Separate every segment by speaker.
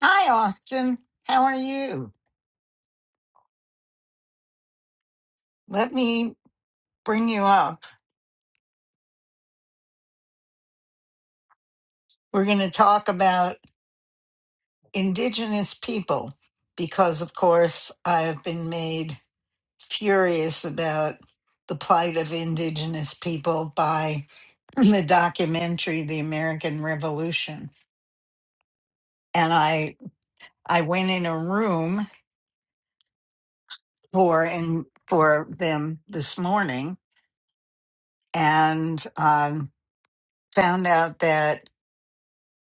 Speaker 1: Hi, Austin. How are you? Let me bring you up. We're going to talk about Indigenous people because, of course, I have been made furious about the plight of Indigenous people by the documentary The American Revolution. And I, I went in a room for, in, for them this morning and um, found out that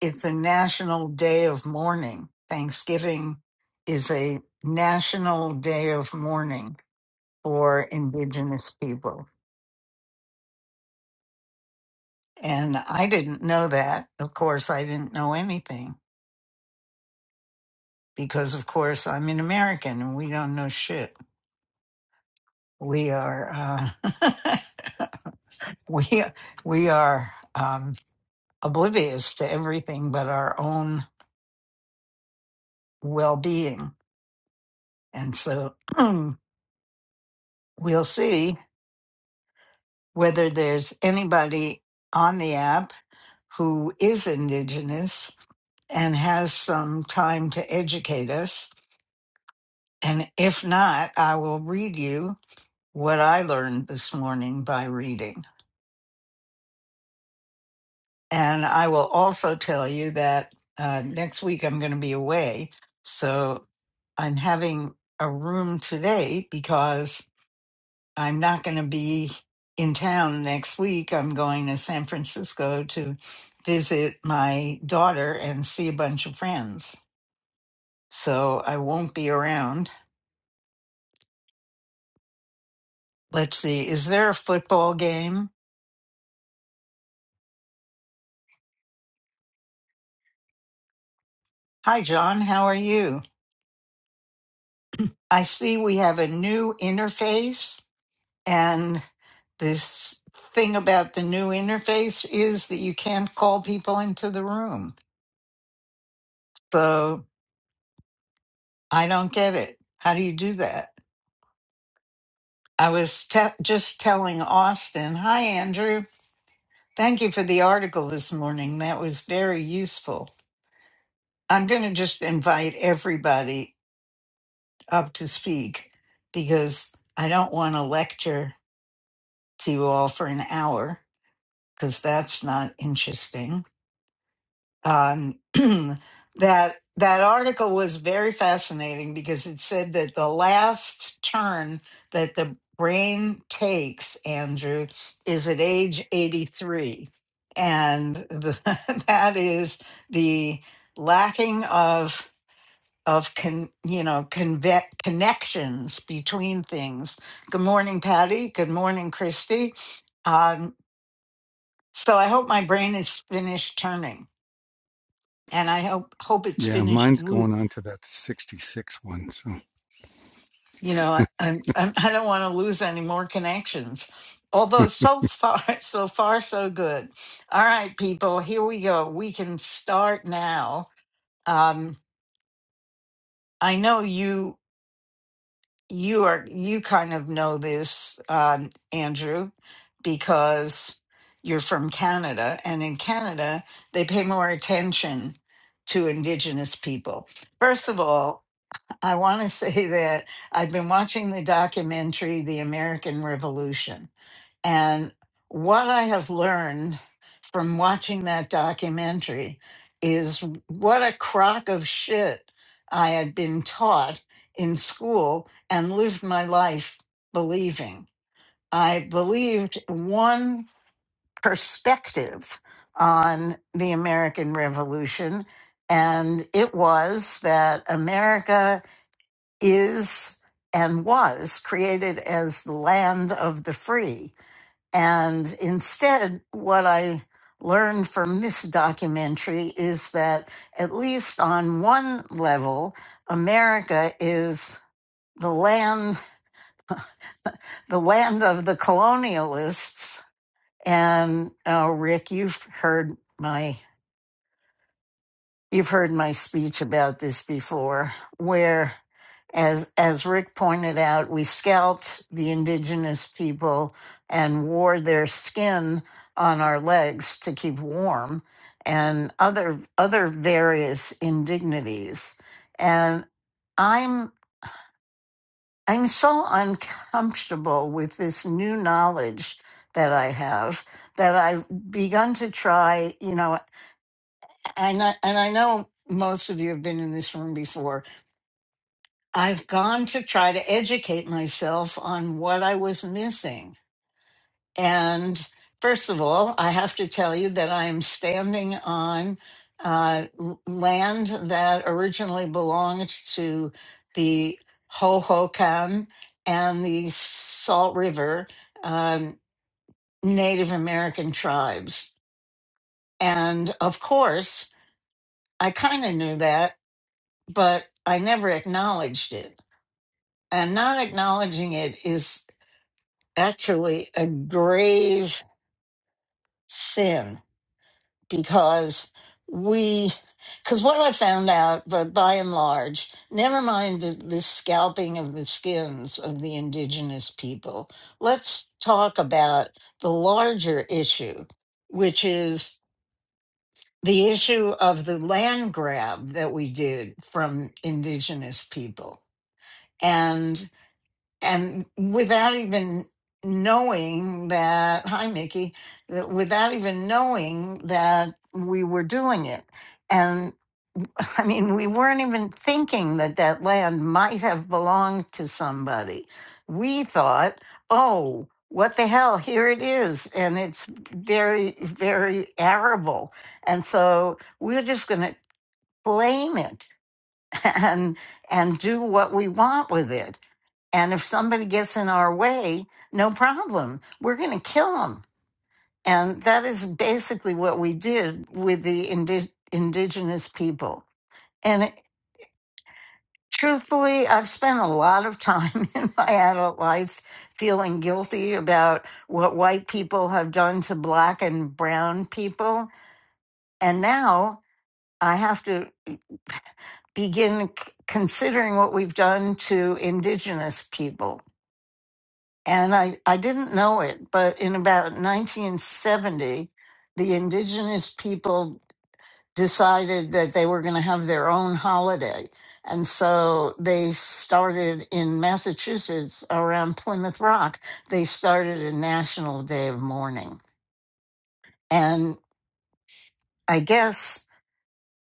Speaker 1: it's a national day of mourning. Thanksgiving is a national day of mourning for Indigenous people. And I didn't know that. Of course, I didn't know anything because, of course, I'm an American and we don't know shit. We are, uh, we, we are um, oblivious to everything but our own well being. And so we'll see whether there's anybody on the app who is Indigenous and has some time to educate us. And if not, I will read you what I learned this morning by reading. And I will also tell you that uh, next week I'm going to be away. So I'm having a room today because I'm not going to be in town next week. I'm going to San Francisco to visit my daughter and see a bunch of friends. So I won't be around. Let's see, is there a football game? Hi, John. How are you? I see we have a new interface, and this thing about the new interface is that you can't call people into the room. So I don't get it. How do you do that? I was te- just telling Austin, hi, Andrew. Thank you for the article this morning. That was very useful. I'm going to just invite everybody up to speak because I don't want to lecture to you all for an hour because that's not interesting. um, that that article was very fascinating because it said that the last turn that the brain takes, Andrew, is at age 83. And the, that is the lacking of of con, you know conve- connections between things. Good morning, Patty. Good morning, Christy. Um, so I hope my brain is finished turning and I hope hope it's
Speaker 2: Yeah,
Speaker 1: finished.
Speaker 2: mine's
Speaker 1: lo-
Speaker 2: going on to that 66 one. So
Speaker 1: You know, I, I'm, I'm I don't want to lose any more connections. Although so far, so far, so good. All right, people, here we go. We can start now. Um, I know you you are you kind of know this, um, Andrew, because you're from Canada, and in Canada they pay more attention to Indigenous people. First of all. I want to say that I've been watching the documentary, The American Revolution. And what I have learned from watching that documentary is what a crock of shit I had been taught in school and lived my life believing. I believed one perspective on the American Revolution, and it was that America is and was created as the land of the free. And instead, what I learned from this documentary is that, at least on one level, America is the land, the land of the colonialists. And uh, Rick, you've heard my You've heard my speech about this before, where, as, as Rick pointed out, we scalped the indigenous people and wore their skin on our legs to keep warm and other, other various indignities. And I'm, I'm so uncomfortable with this new knowledge that I have that I've begun to try, you know and I, and I know most of you have been in this room before. I've gone to try to educate myself on what I was missing. And first of all, I have to tell you that I am standing on uh, l- land that originally belonged to the Hohokam and the Salt River um, Native American tribes. And of course, I kind of knew that but I never acknowledged it. And not acknowledging it is actually a grave sin because we, because what I found out, but by and large, never mind the, the scalping of the skins of the indigenous people, let's talk about the larger issue, which is the issue of the land grab that we did from indigenous people. and. and without even knowing that hi mickey that without even knowing that we were doing it and i mean we weren't even thinking that that land might have belonged to somebody we thought oh what the hell here it is and it's very very arable and so we're just going to claim it and and do what we want with it and if somebody gets in our way, no problem. We're going to kill them. And that is basically what we did with the indi- indigenous people. And it, truthfully, I've spent a lot of time in my adult life feeling guilty about what white people have done to black and brown people. And now I have to begin c- considering what we've done to indigenous people And I, I didn't know it, but in about 1970, the indigenous people decided that they were going to have their own holiday. And so they started in Massachusetts around Plymouth Rock, they started a national day of mourning. And I guess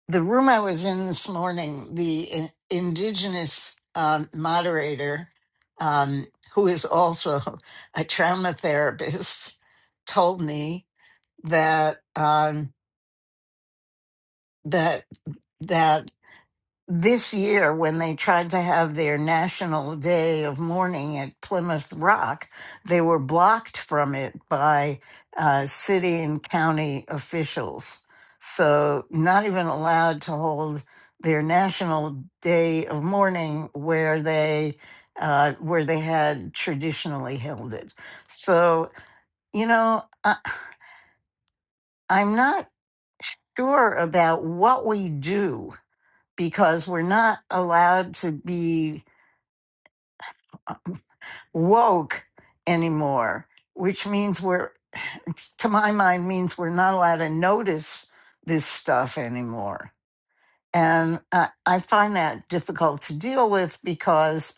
Speaker 1: the room I was in this morning, the in- indigenous um, moderator, um, who is also a trauma therapist, told me that um, that that this year when they tried to have their national day of mourning at Plymouth Rock, they were blocked from it by uh, city and county officials. So, not even allowed to hold their national day of mourning where they uh, where they had traditionally held it. So, you know, I, I'm not sure about what we do because we're not allowed to be woke anymore, which means we're, to my mind, means we're not allowed to notice this stuff anymore. And I, I find that difficult to deal with because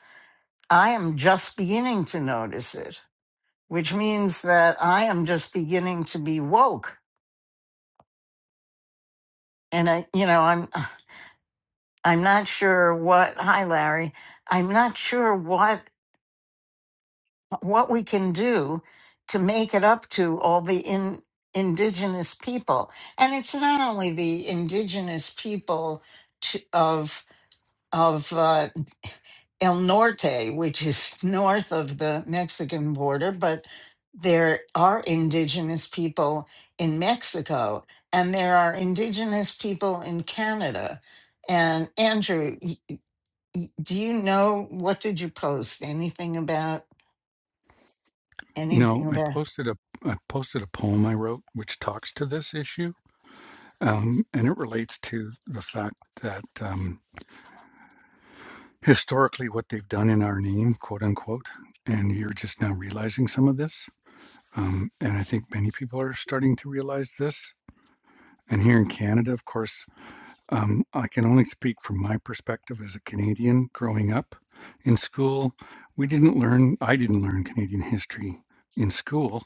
Speaker 1: I am just beginning to notice it, which means that I am just beginning to be woke. And I, you know, I'm, I'm not sure what, hi, Larry, I'm not sure what what we can do to make it up to all the in, indigenous people. And it's not only the indigenous people to, of of uh, El Norte, which is north of the Mexican border, but there are indigenous people in Mexico and there are indigenous people in Canada. And Andrew, y- y- do you know what did you post? Anything about anything
Speaker 2: no, I
Speaker 1: about?
Speaker 2: posted a I posted a poem I wrote which talks to this issue, um, and it relates to the fact that um, historically what they've done in our name, quote unquote, and you're just now realizing some of this. Um, and I think many people are starting to realize this. And here in Canada, of course, Um, I can only speak from my perspective as a Canadian growing up. In school, we didn't learn, I didn't learn Canadian history in school,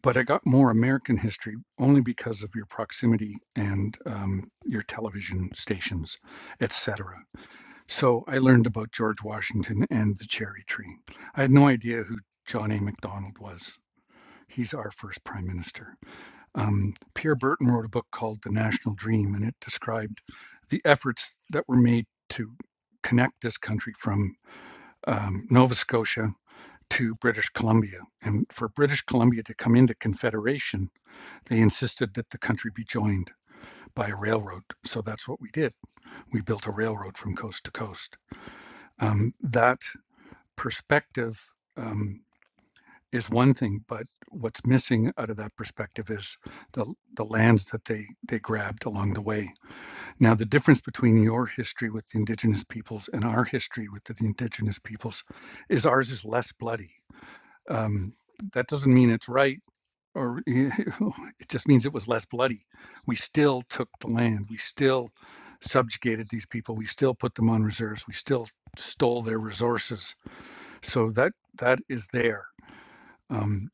Speaker 2: but I got more American history only because of your proximity and um, your television stations, etc. So I learned about George Washington and the cherry tree. I had no idea who John A. MacDonald was. He's our first prime minister. Um, Pierre Burton wrote a book called The National Dream, and it described the efforts that were made to connect this country from um, Nova Scotia to British Columbia. And for British Columbia to come into Confederation, they insisted that the country be joined by a railroad. So that's what we did. We built a railroad from coast to coast. Um, that perspective um, is one thing, but what's missing out of that perspective is the the lands that they they grabbed along the way Now, the difference between your history with the indigenous peoples and our history with the indigenous peoples is ours is less bloody. Um, that doesn't mean it's right, or it just means it was less bloody. We still took the land. We still subjugated these people. We still put them on reserves. We still stole their resources. So that that is there. Um,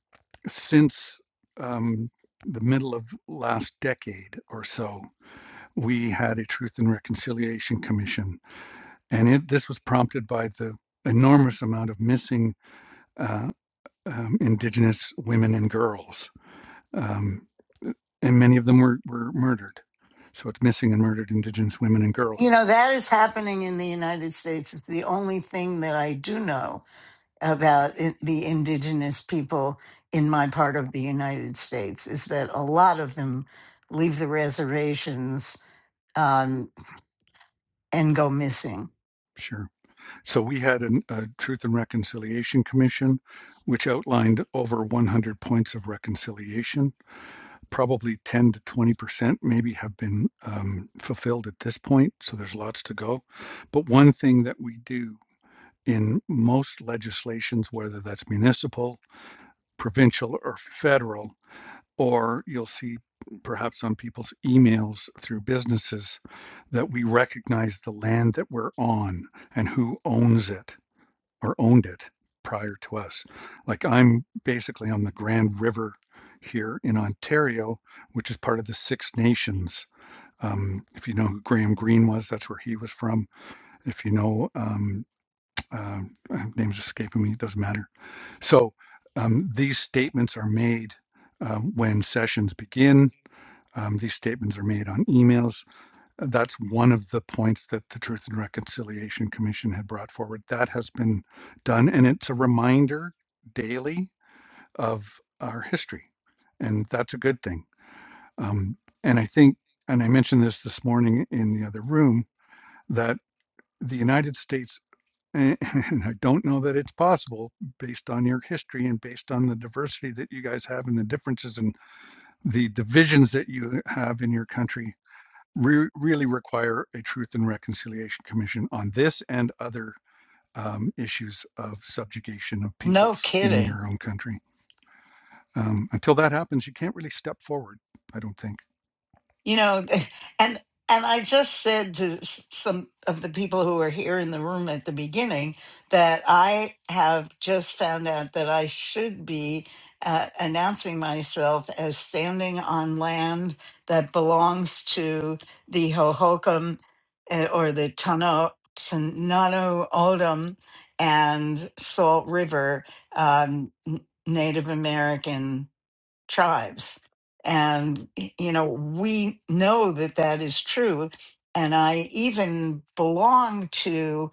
Speaker 2: since um, the middle of last decade or so, we had a Truth and Reconciliation Commission. And it, this was prompted by the enormous amount of missing uh, um, Indigenous women and girls. Um, and many of them were, were murdered. So it's missing and murdered Indigenous women and
Speaker 1: You
Speaker 2: girls.
Speaker 1: know, that is happening in the United States. It's the only thing that I do know about it, the indigenous people in my part of the United States is that a lot of them leave the reservations um, and go missing.
Speaker 2: Sure. So we had an, a Truth and Reconciliation Commission, which outlined over 100 points of reconciliation probably 10 to 20 percent maybe have been um, fulfilled at this point so there's lots to go but one thing that we do in most legislations whether that's municipal provincial or federal or you'll see perhaps on people's emails through businesses that we recognize the land that we're on and who owns it or owned it prior to us. Like I'm basically on the Grand River here in Ontario, which is part of the Six Nations. Um, if you know who Graham Greene was, that's where he was from. If you know, um, uh, uh, name's escaping me, it doesn't matter. So um, these statements are made uh, when sessions begin. Um, these statements are made on emails that's one of the points that the Truth and Reconciliation Commission had brought forward. That has been done, and it's a reminder daily of our history, and that's a good thing. Um, and I think, and I mentioned this this morning in the other room, that the United States, and and I don't know that it's possible based on your history and based on the diversity that you guys have and the differences and the divisions that you have in your country re- really require a Truth and Reconciliation Commission on this and other um, issues of subjugation of
Speaker 1: No
Speaker 2: peoples in
Speaker 1: kidding.
Speaker 2: your own country. Um, until that happens, you can't really step forward, I don't think.
Speaker 1: you know and and i just said to s- some of the people who were here in the room at the beginning that i have just found out that i should be uh, announcing myself as standing on land that belongs to the hohokam eh, or the Tano Tonato Odom and Salt River um, n- Native American tribes. And, you know, we know that that is true. And I even belong to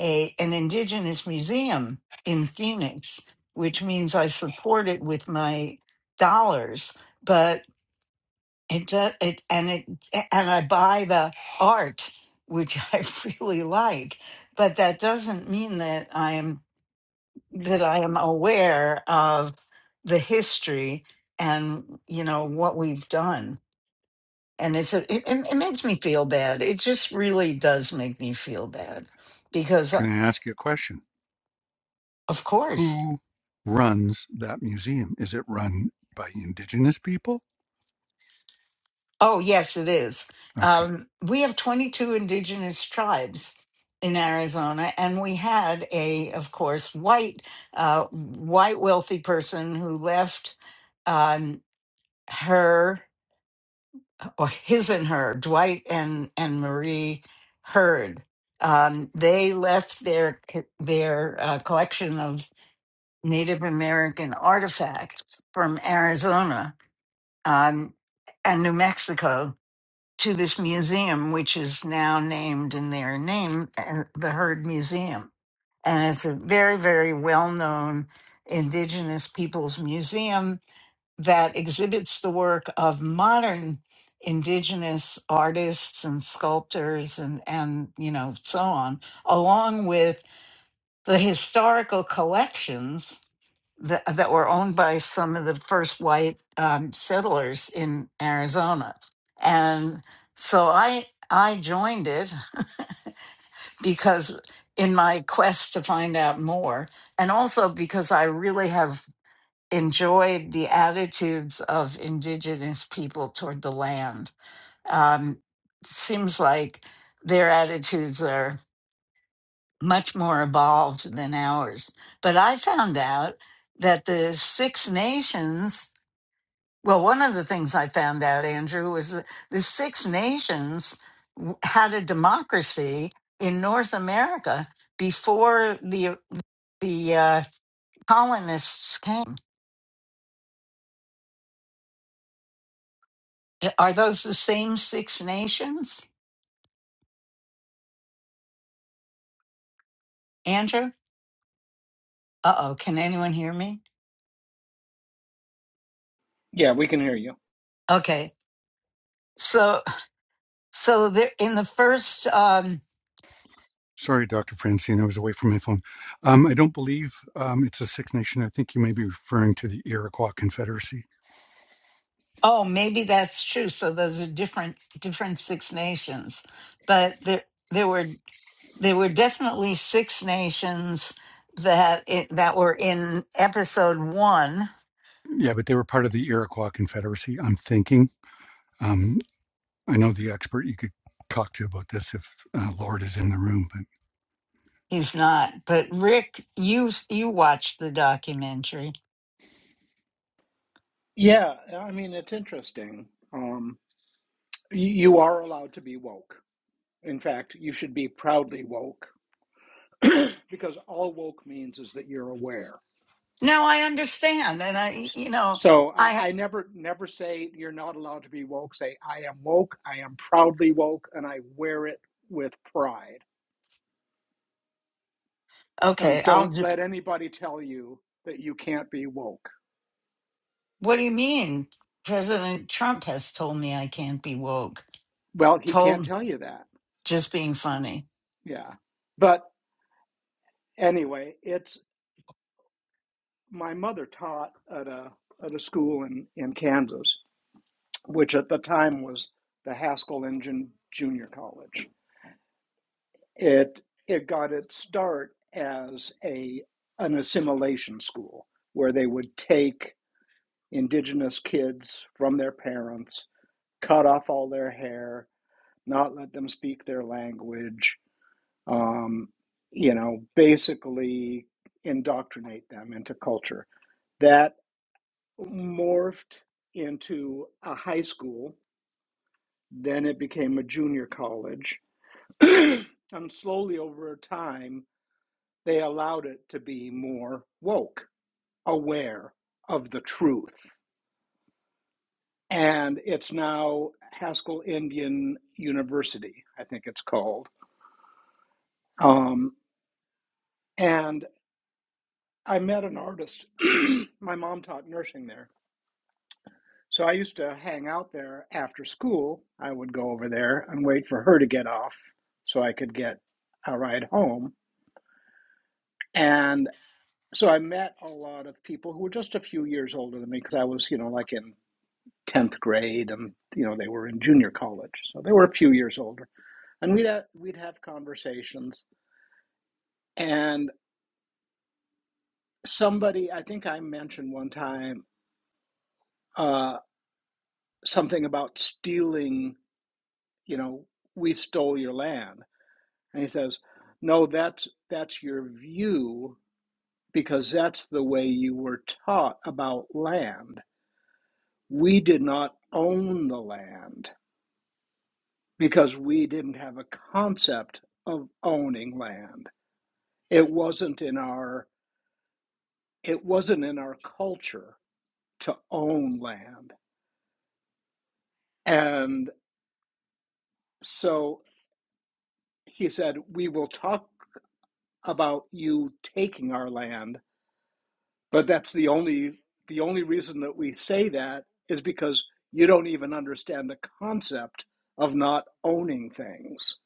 Speaker 1: a, an indigenous museum in Phoenix, which means I support it with my dollars. But it does, it, and it, and I buy the art, which I really like. But that doesn't mean that I am that I am aware of the history and you know what we've done. And it's a, it, it it makes me feel bad. It just really does make me feel bad because, uh,
Speaker 2: Can I ask you a question?
Speaker 1: of course,
Speaker 2: Who runs that museum? Is it run by indigenous people?
Speaker 1: oh yes, it is.
Speaker 2: Okay.
Speaker 1: Um, we have 22 indigenous tribes in Arizona, and we had a, of course, white, uh, white wealthy person who left um, her. Or his and her, Dwight and and Marie Heard. Um, they left their their uh, collection of Native American artifacts from Arizona um, and New Mexico to this museum, which is now named in their name, uh, the Heard Museum, and it's a very very well known Indigenous Peoples Museum that exhibits the work of modern indigenous artists and sculptors and and you know so on along with the historical collections that, that were owned by some of the first white um, settlers in Arizona and so I I joined it because in my quest to find out more and also because I really have enjoyed the attitudes of indigenous people toward the land. Um, seems like their attitudes are much more evolved than ours. But I found out that the Six Nations, well, one of the things I found out, Andrew, was that the Six Nations w- had a democracy in North America before the the uh, colonists came. Eh, Are those the same Six Nations? Andrew? Uh oh, can anyone hear me?
Speaker 3: Yeah, we can hear you.
Speaker 1: Okay. So so there in the first um
Speaker 2: Sorry, Dr. Francine, I was away from my phone. Um, I don't believe um, it's a Six Nation. I think you may be referring to the Iroquois Confederacy.
Speaker 1: oh maybe that's true. So those are different different six nations. But there there were there were definitely six nations that it, that were in episode one.
Speaker 2: Yeah, but they were part of the Iroquois Confederacy, I'm thinking. Um, I know the expert you could talk to about this if uh, Lord is in the room, but
Speaker 1: He's not, but Rick, you you watched the documentary.
Speaker 3: Yeah, I mean, it's interesting. Um, y- you are allowed to be woke. In fact, you should be proudly woke because all woke means is that you're aware.
Speaker 1: No, I understand, and I
Speaker 3: S-
Speaker 1: you know
Speaker 3: So
Speaker 1: I
Speaker 3: I I never, never say you're not allowed to be woke. Say, I am woke, I am proudly woke, and I wear it with pride.
Speaker 1: okay.
Speaker 3: And
Speaker 1: I'll
Speaker 3: don't
Speaker 1: do.
Speaker 3: let anybody tell you that you can't be woke.
Speaker 1: What do you mean? President Trump has told me I can't be woke.
Speaker 3: Well, he can't
Speaker 1: Told
Speaker 3: tell you that.
Speaker 1: just being funny.
Speaker 3: Yeah. But anyway, it's my mother taught at a at a school in in Kansas, which at the time was the Haskell Engine Junior College. It it got its start as a an assimilation school where they would take indigenous kids from their parents, cut off all their hair, not let them speak their language, um, you know, basically indoctrinate them into culture. That morphed into a high school. Then it became a junior college. and slowly over time, they allowed it to be more woke, aware of the truth. And it's now Haskell Indian University, I think it's called. Um, and I met an artist. My mom taught nursing there So I used to hang out there after school. I would go over there and wait for her to get off so I could get a ride home. And so I met a lot of people who were just a few years older than me because I was, you know, like in 10th grade and, you know, they were in junior college. So they were a few years older. And we'd have, we'd have conversations. And somebody, I think I mentioned one time uh, something about stealing, you know, we stole your land And he says, No, that's that's your view because that's the way you were taught about land. We did not own the land because we didn't have a concept of owning land. It wasn't in our it wasn't in our culture to own land. And so he said, We will talk about you taking our land But that's the only the only reason that we say that is because you don't even understand the concept of not owning things.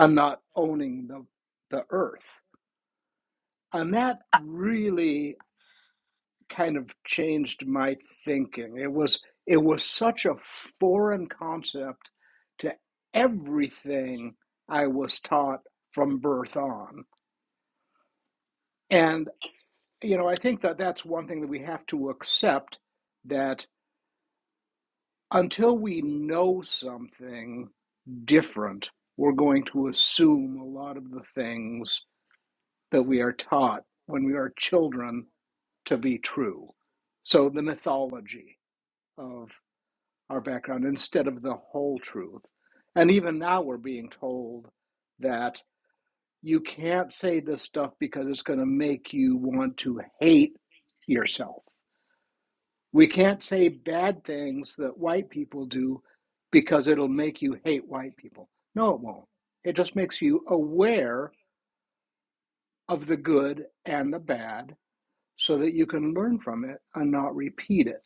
Speaker 3: and not owning the the earth. And that really kind of changed my thinking. It was it was such a foreign concept to everything I was taught from birth on. And you know, I think that that's one thing that we have to accept that until we know something different, we're going to assume a lot of the things that we are taught when we are children to be true. So, the mythology of our background instead of the whole truth. And even now, we're being told that you can't say this stuff because it's going to make you want to hate yourself. We can't say bad things that white people do because it'll make you hate white people. No, it won't. It just makes you aware of the good and the bad so that you can learn from it and not repeat it.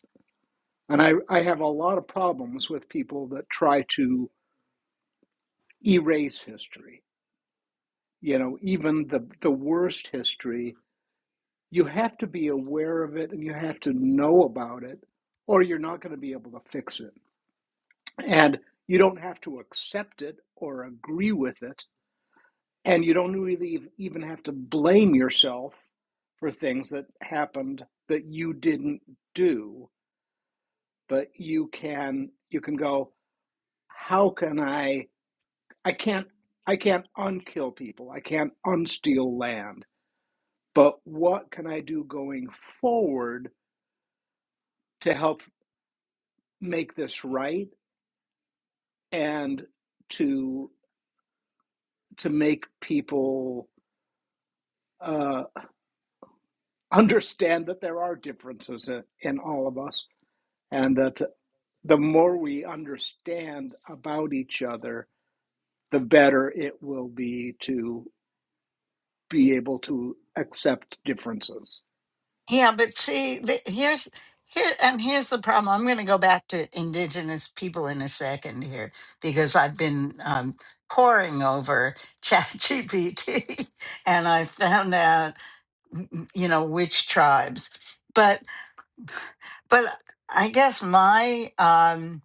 Speaker 3: And I, I have a lot of problems with people that try to erase history. You know, even the, the worst history, you have to be aware of it and you have to know about it, or you're not going to be able to fix it And you don't have to accept it or agree with it. And you don't really even have to blame yourself for things that happened that you didn't do. But you can you can go, how can I I can't I can't unkill people. I can't unsteal land. But what can I do going forward to help make this right and to to make people uh, understand that there are differences in, in all of us, and that the more we understand about each other, the better it will be to be able to accept differences.
Speaker 1: Yeah, but see, the, here's here and here's the problem. I'm going to go back to indigenous people in a second here because I've been um, poring over ChatGPT and I found out you know which tribes. But but I guess my um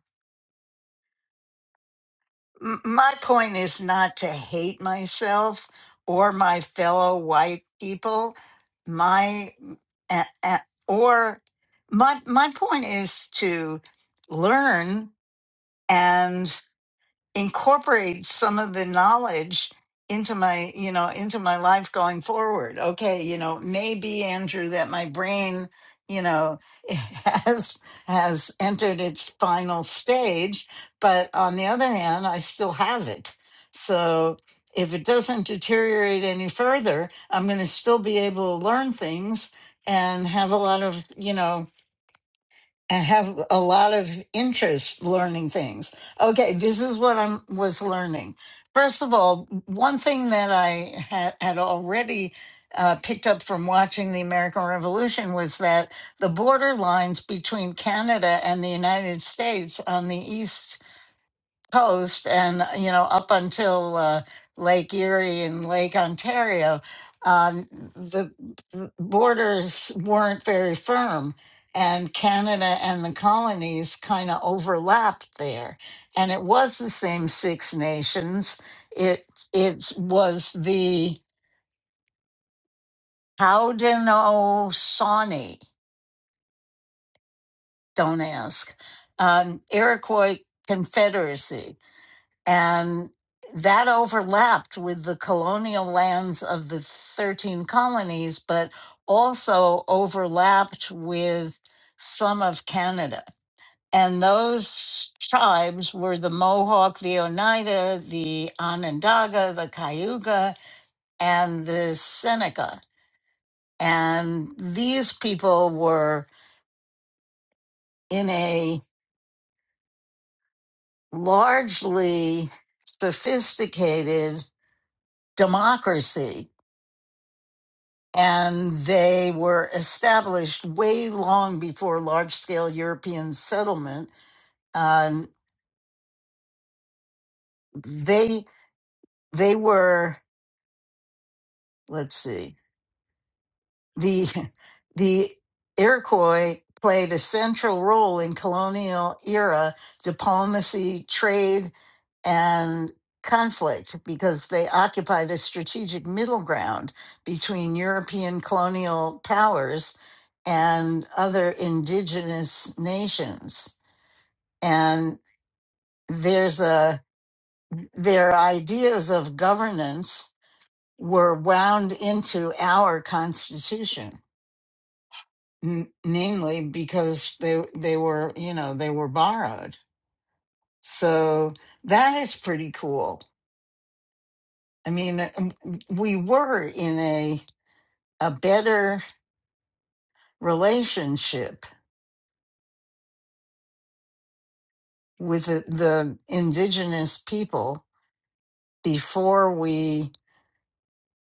Speaker 1: M- my point is not to hate myself or my fellow white people my a- a- or my my point is to learn incorporate some of the knowledge into my you know into my life going forward okay you know maybe andrew that my brain you know has has entered its final stage but on the other hand i still have it so if it doesn't deteriorate any further i'm going to still be able to learn things and have a lot of you know I have a lot of interest learning things. Okay, this is what I was learning. First of all, one thing that I had, had already uh, picked up from watching the American Revolution was that the border lines between Canada and the United States on the east coast and uh, you know up until uh, Lake Erie and Lake Ontario, um, the, the borders weren't very firm, and Canada and the colonies kind of overlapped there, and it was the same Six Nations. It it was the Haudenosaunee. Don't ask. Um, Iroquois Confederacy And that overlapped with the colonial lands of the 13 colonies, but also overlapped with some of Canada. And those tribes were the Mohawk, the Oneida, the Onondaga, the Cayuga, and the Seneca. And these people were in a largely sophisticated democracy and they were established way long before large scale European settlement. Um, they they were let's see the the Iroquois played a central role in colonial era diplomacy, trade, and conflict because they occupied a strategic middle ground between European colonial powers and other indigenous nations. And there's a their ideas of governance were wound into our constitution. n- namely because they they were you know they were borrowed so that is pretty cool i mean um, we were in a a better relationship with the, the indigenous people before we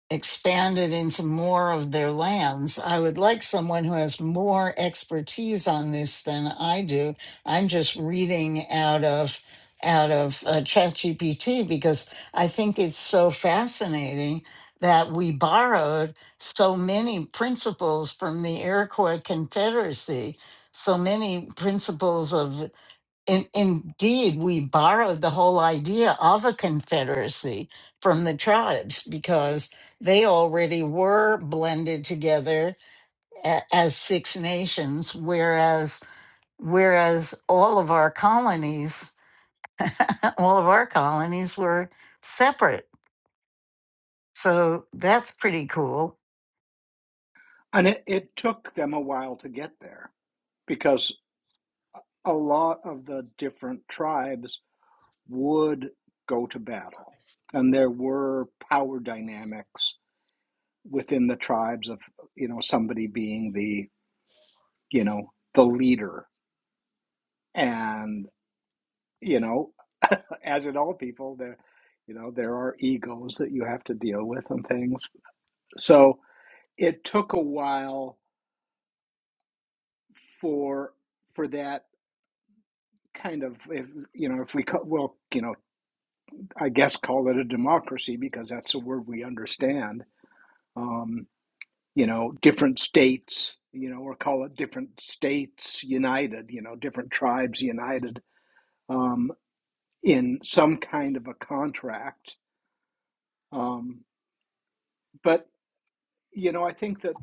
Speaker 1: expanded into more of their lands. I would like someone who has more expertise on this than I do. I'm just reading out of out of uh, ChatGPT because I think it's so fascinating that we borrowed so many principles from the Iroquois Confederacy, so many principles of in, indeed, we borrowed the whole idea of a confederacy from the tribes because they already were blended together a- as six nations, whereas whereas all of our colonies, all of our colonies were separate. So that's pretty cool.
Speaker 3: And it, it took them a while to get there because a lot of the different tribes would go to battle, and there were power dynamics within the tribes of you know somebody being the you know the leader and you know, as in all people, there, you know, there are egos that you have to deal with and things. So it took a while for for that kind of, if you know, if we call, well, you know, I guess call it a democracy because that's a word we understand. Um, you know, different states, you know, or call it different states united, you know, different tribes united um, in some kind of a contract. Um, but you know, I think that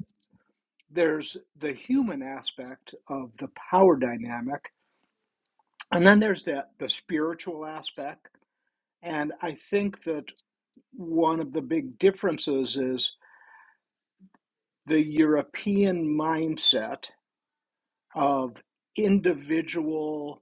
Speaker 3: there's the human aspect of the power dynamic and then there's the, the spiritual aspect and i think that one of the big differences is the european mindset of individual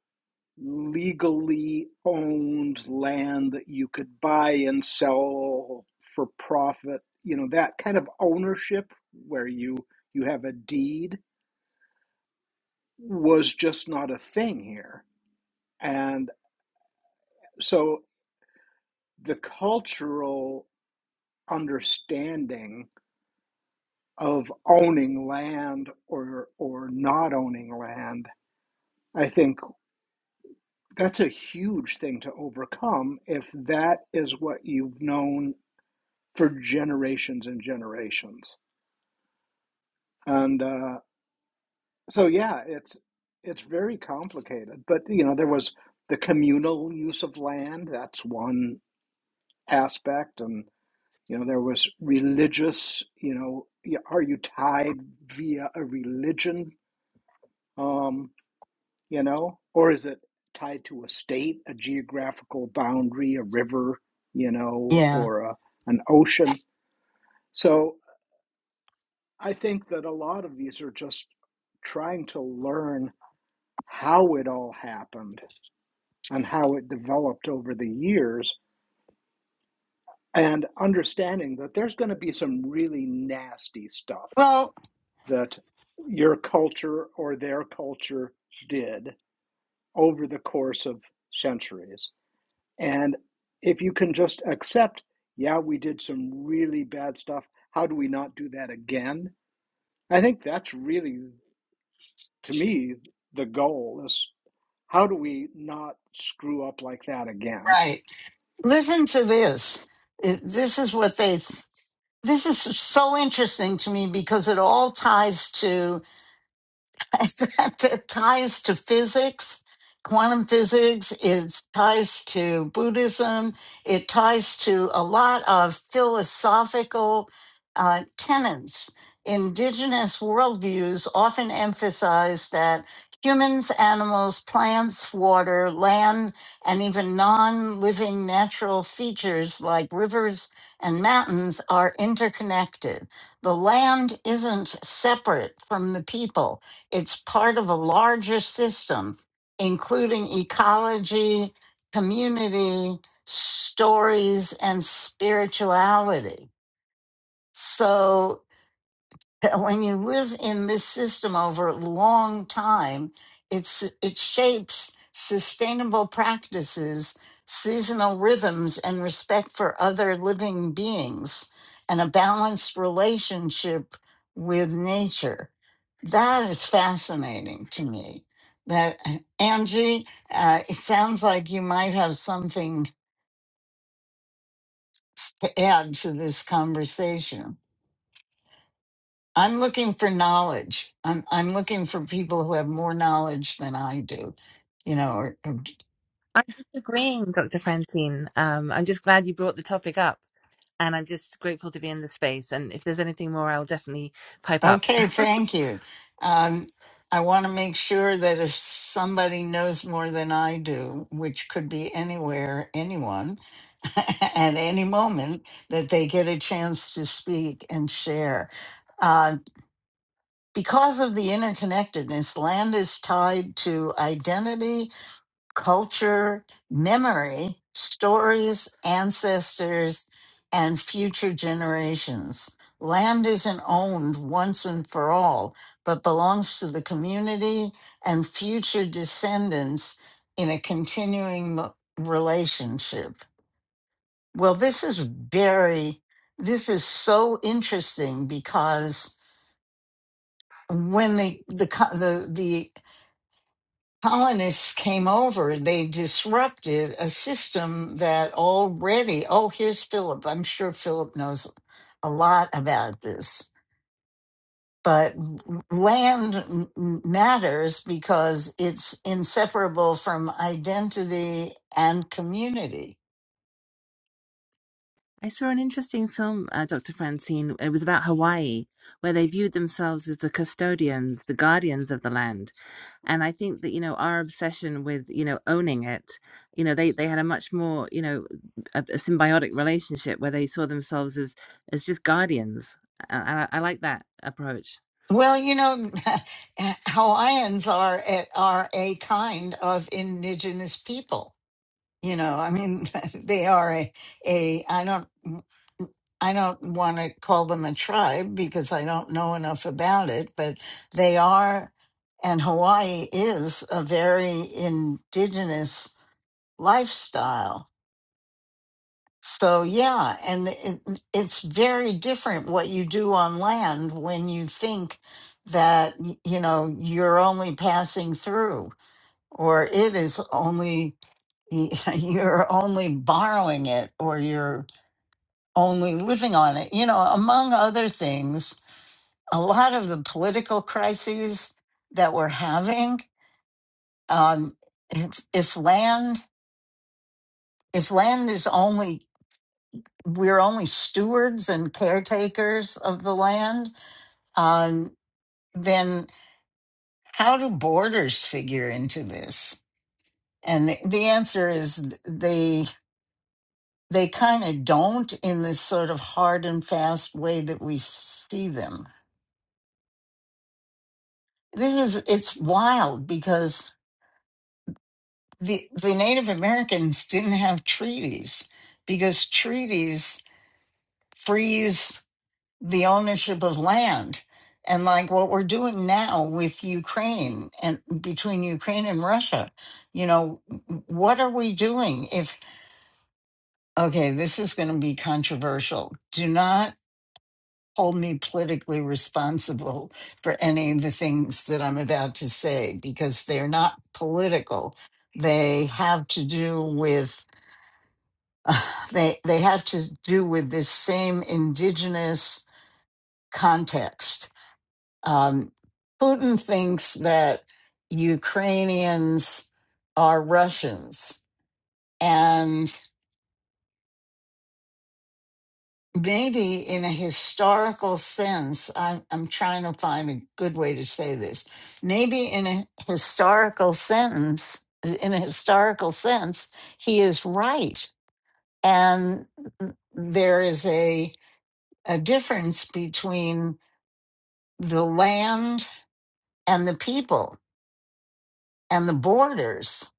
Speaker 3: legally owned land that you could buy and sell for profit you know that kind of ownership where you you have a deed was just not a thing here and. So the cultural understanding of owning land or or not owning land, I think that's a huge thing to overcome if that is what you've known for generations and generations. And uh, so yeah, it's it's very complicated. But you know, there was the communal use of land, that's one aspect and. You know, there was religious, you know, y- are you tied via a religion, um, you know, or is it tied to a state, a geographical boundary, a river, you know,
Speaker 1: Yeah.
Speaker 3: or a, an ocean? So I think that a lot of these are just trying to learn how it all happened and how it developed over the years and understanding that there's going to be some really nasty stuff
Speaker 1: Well,
Speaker 3: that your culture or their culture did over the course of centuries. And if you can just accept, yeah, we did some really bad stuff, how do we not do that again? I think that's really, to me, the goal is how do we not screw up like that again?
Speaker 1: right. Listen to this. It- This is what they. This is so interesting to me because it all ties to it ties to physics, quantum physics. It ties to Buddhism. It ties to a lot of philosophical uh, tenets. Indigenous worldviews often emphasize that humans, animals, plants, water, land, and even non living natural features like rivers and mountains are interconnected. The land isn't separate from the people it's part of a larger system, including ecology, community, stories, and spirituality. So when you live in this system over a long time, it's it shapes sustainable practices, seasonal rhythms, and respect for other living beings, and a balanced relationship with nature. That is fascinating to me. That uh, Angie, uh, it sounds like you might have something to add to this conversation. I'm looking for knowledge. I'm I'm looking for people who have more knowledge than I do. You know. Or, or-
Speaker 4: I'm just agreeing, Dr. Francine. Um, I'm just glad you brought the topic up, and I'm just grateful to be in the space. And if there's anything more, I'll definitely pipe up.
Speaker 1: okay, thank you. Um, I want to make sure that if somebody knows more than I do, which could be anywhere, anyone, at any moment, that they get a chance to speak and share. Uh, because of the interconnectedness, land is tied to identity culture, memory, stories, ancestors, and future generations. Land isn't owned once and for all, but belongs to the community and future descendants in a continuing mo- relationship. Well, this is very, this is so interesting because when the the co- the the colonists came over, they disrupted a system that already, oh, here's Philip. I'm sure Philip knows a lot about this. But land m- m- matters because it's inseparable from identity and community.
Speaker 4: I saw an interesting film, uh, Dr. Francine. It was about Hawaii, where they viewed themselves as the custodians, the guardians of the land. And I think that, you know, our obsession with, you know, owning it, you know, they, they had a much more, you know, a, a symbiotic relationship where they saw themselves as, as just guardians. And I, I like that approach.
Speaker 1: Well, you know, Hawaiians are, eh, are a kind of indigenous people you know i mean they are a, a i don't mm, mm, i don't want to call them a tribe because i don't know enough about it but they are and hawaii is a very indigenous lifestyle so yeah and it, mm, it's very different what you do on land when you think that you know you're only passing through or it is only y- you're only borrowing it or you're only living on it. You know, among other things, a lot of the political crises that we're having, um, if, if land, if land is only, we're only stewards and caretakers of the land, um, then how do borders figure into this? And the, the answer is they. they kind of don't in this sort of hard and fast way that we see them. This is it's wild because the the Native Americans didn't have treaties because treaties freeze the ownership of land. And like what we're doing now with Ukraine and between Ukraine and Russia, you know, what are we doing if okay, this is going to be controversial. Do not hold me politically responsible for any of the things that I'm about to say because they're not political. They have to do with they they have to do with this same indigenous context. Um, Putin thinks that Ukrainians are Russians, and. maybe in a historical sense, I'm, I'm trying to find a good way to say this. Maybe in a historical sentence, in a historical sense, he is right. And there is a, a difference between the land and the people and the borders.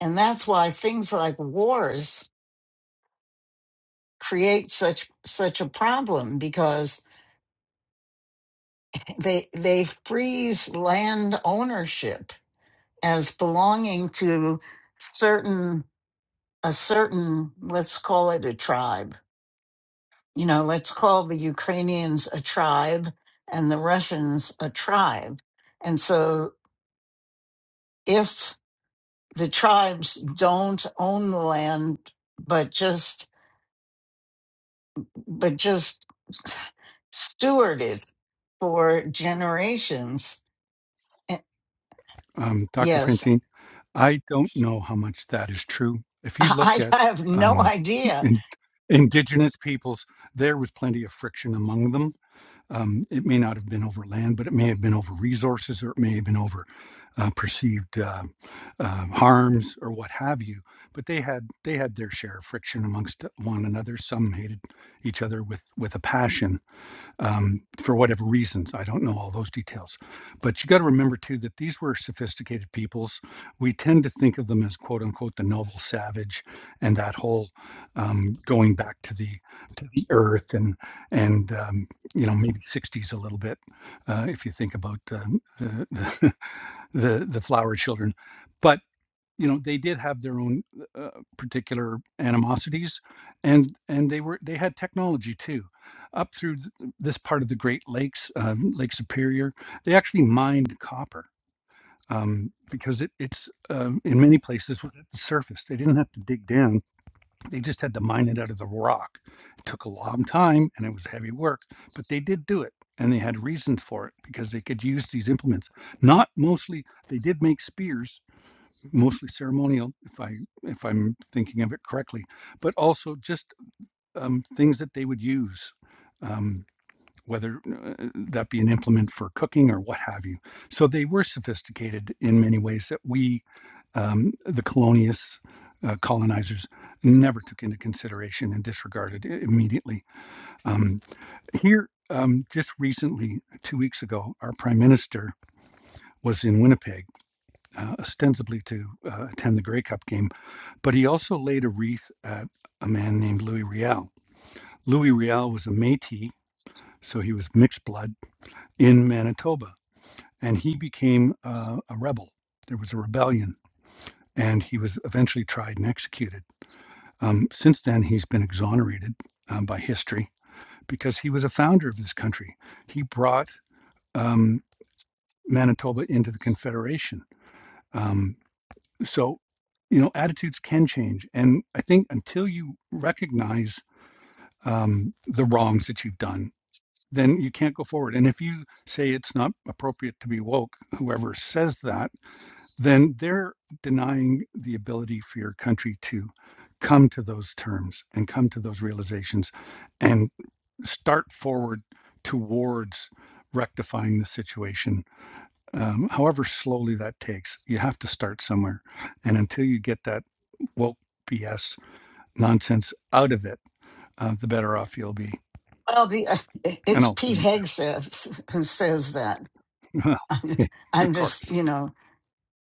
Speaker 1: And that's why things like wars create such such a problem because they they freeze land ownership as belonging to certain a certain let's call it a tribe you know let's call the ukrainians a tribe and the russians a tribe and so if the tribes don't own the land but just but just steward it for generations Eh,
Speaker 2: um, Dr.
Speaker 1: yes
Speaker 2: Francine, I don't know how much that is true. If you look
Speaker 1: i
Speaker 2: at
Speaker 1: I have no
Speaker 2: um,
Speaker 1: idea
Speaker 2: in, indigenous peoples, there was plenty of friction among them Um, it may not have been over land, but it may have been over resources, or it may have been over uh, perceived uh, uh, harms or what have you. But they had they had their share of friction amongst one another. Some hated each other with with a passion um, for whatever reasons. I don't know all those details. But you got to remember, too, that these were sophisticated peoples. We tend to think of them as quote unquote the noble savage and that whole um, going back to the to the earth and and um, you know maybe 60s a little bit uh, if you think about um, the, the the flower children. but you know they did have their own uh, particular animosities and and they were they had technology too up through th- this part of the great lakes um, lake superior they actually mined copper um, because it, it's uh, in many places was at the surface they didn't have to dig down they just had to mine it out of the rock it took a long time and it was heavy work but they did do it and they had reasons for it because they could use these implements not mostly they did make spears mostly ceremonial, if I if I'm thinking of it correctly, but also just um, things that they would use, um, whether uh, that be an implement for cooking or what have you. So they were sophisticated in many ways that we, um, the colonialists, uh, colonizers, never took into consideration and disregarded immediately. Um, here. Um, just recently, two weeks ago, our prime minister was in Winnipeg, uh, ostensibly to uh, attend the Grey Cup game, but he also laid a wreath at a man named Louis Riel. Louis Riel was a Métis, so he was mixed blood in Manitoba, and he became uh, a rebel. There was a rebellion, and he was eventually tried and executed. Um, since then, he's been exonerated um, by history because he was a founder of this country. He brought um, Manitoba into the Confederation. Um, so, you know, attitudes can change, and I think until you recognize um, the wrongs that you've done, then you can't go forward. And if you say it's not appropriate to be woke, whoever says that, then they're denying the ability for your country to come to those terms and come to those realizations and start forward towards rectifying the situation. Um, however, slowly that takes, you have to start somewhere. And until you get that woke BS nonsense out of it, uh, the better off you'll be.
Speaker 1: well the
Speaker 2: And
Speaker 1: it's
Speaker 2: I'll
Speaker 1: pete
Speaker 2: land
Speaker 1: hegseth who says that
Speaker 2: Well, of
Speaker 1: I'm just,
Speaker 2: course.
Speaker 1: you know,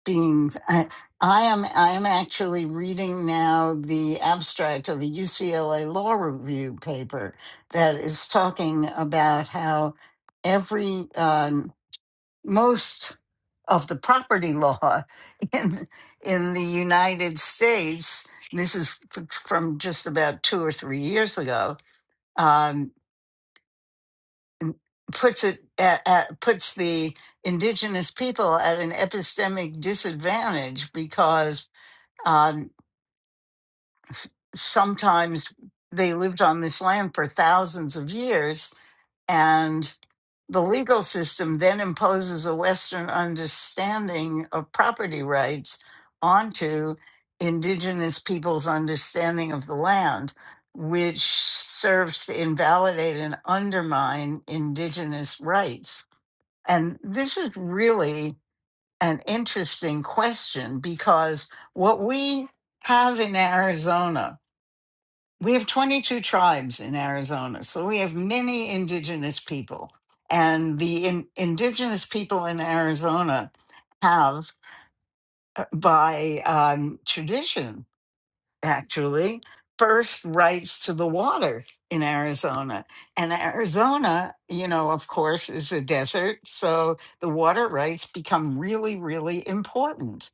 Speaker 1: being. I, I am. I am actually reading now the abstract of a UCLA law review paper that is talking about how every um, most of the property law in in the United States. This is f- from just about two or three years ago. um, puts it at, at, puts the indigenous people at an epistemic disadvantage because um, s- sometimes they lived on this land for thousands of years and the legal system then imposes a western understanding of property rights onto indigenous people's understanding of the land which serves to invalidate and undermine indigenous rights and this is really an interesting question because what we have in Arizona, we have 22 tribes in Arizona. So we have many indigenous people. And the in, indigenous people in Arizona have, uh, by um, tradition, actually first rights to the water in Arizona. And Arizona, you know, of course, is a desert. So the water rights become really, really important.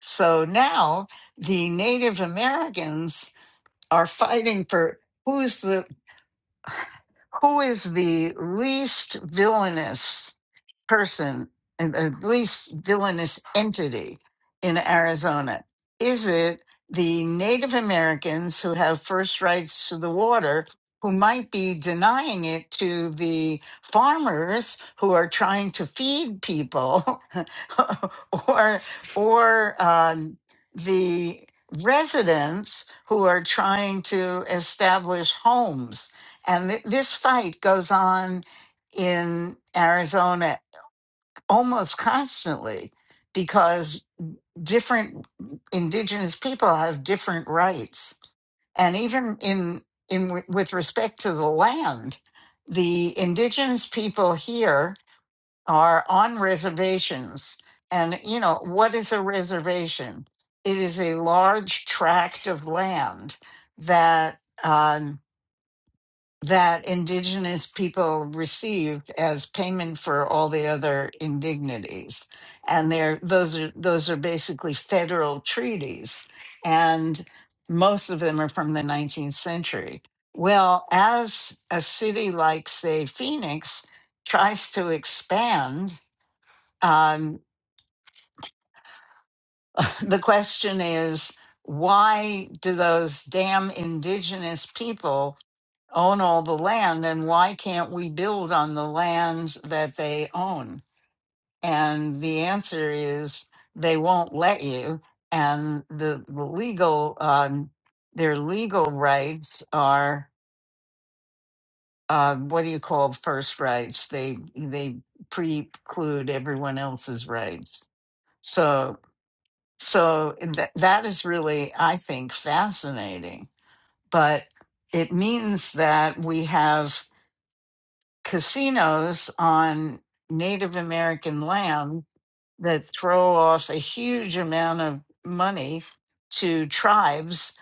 Speaker 1: So now the Native Americans are fighting for who's the who is the least villainous person, and the least villainous entity in Arizona? Is it the Native Americans who have first rights to the water, who might be denying it to the farmers who are trying to feed people, or or um, the residents who are trying to establish homes? And th- this fight goes on in Arizona almost constantly because different indigenous people have different rights. And even in, in w- with respect to the land, the indigenous people here are on reservations. And, you know, what is a reservation? It is a large tract of land that um, that indigenous people received as payment for all the other indignities and there those are those are basically federal treaties and most of them are from the 19th century well as a city like say phoenix tries to expand um, the question is why do those damn indigenous people own all the land and why can't we build on the land that they own and the answer is they won't let you and the, the legal um, their legal rights are uh, what do you call first rights they they preclude everyone else's rights so so that that is really i think fascinating but it means that we have casinos on Native American land that throw off a huge amount of money to tribes.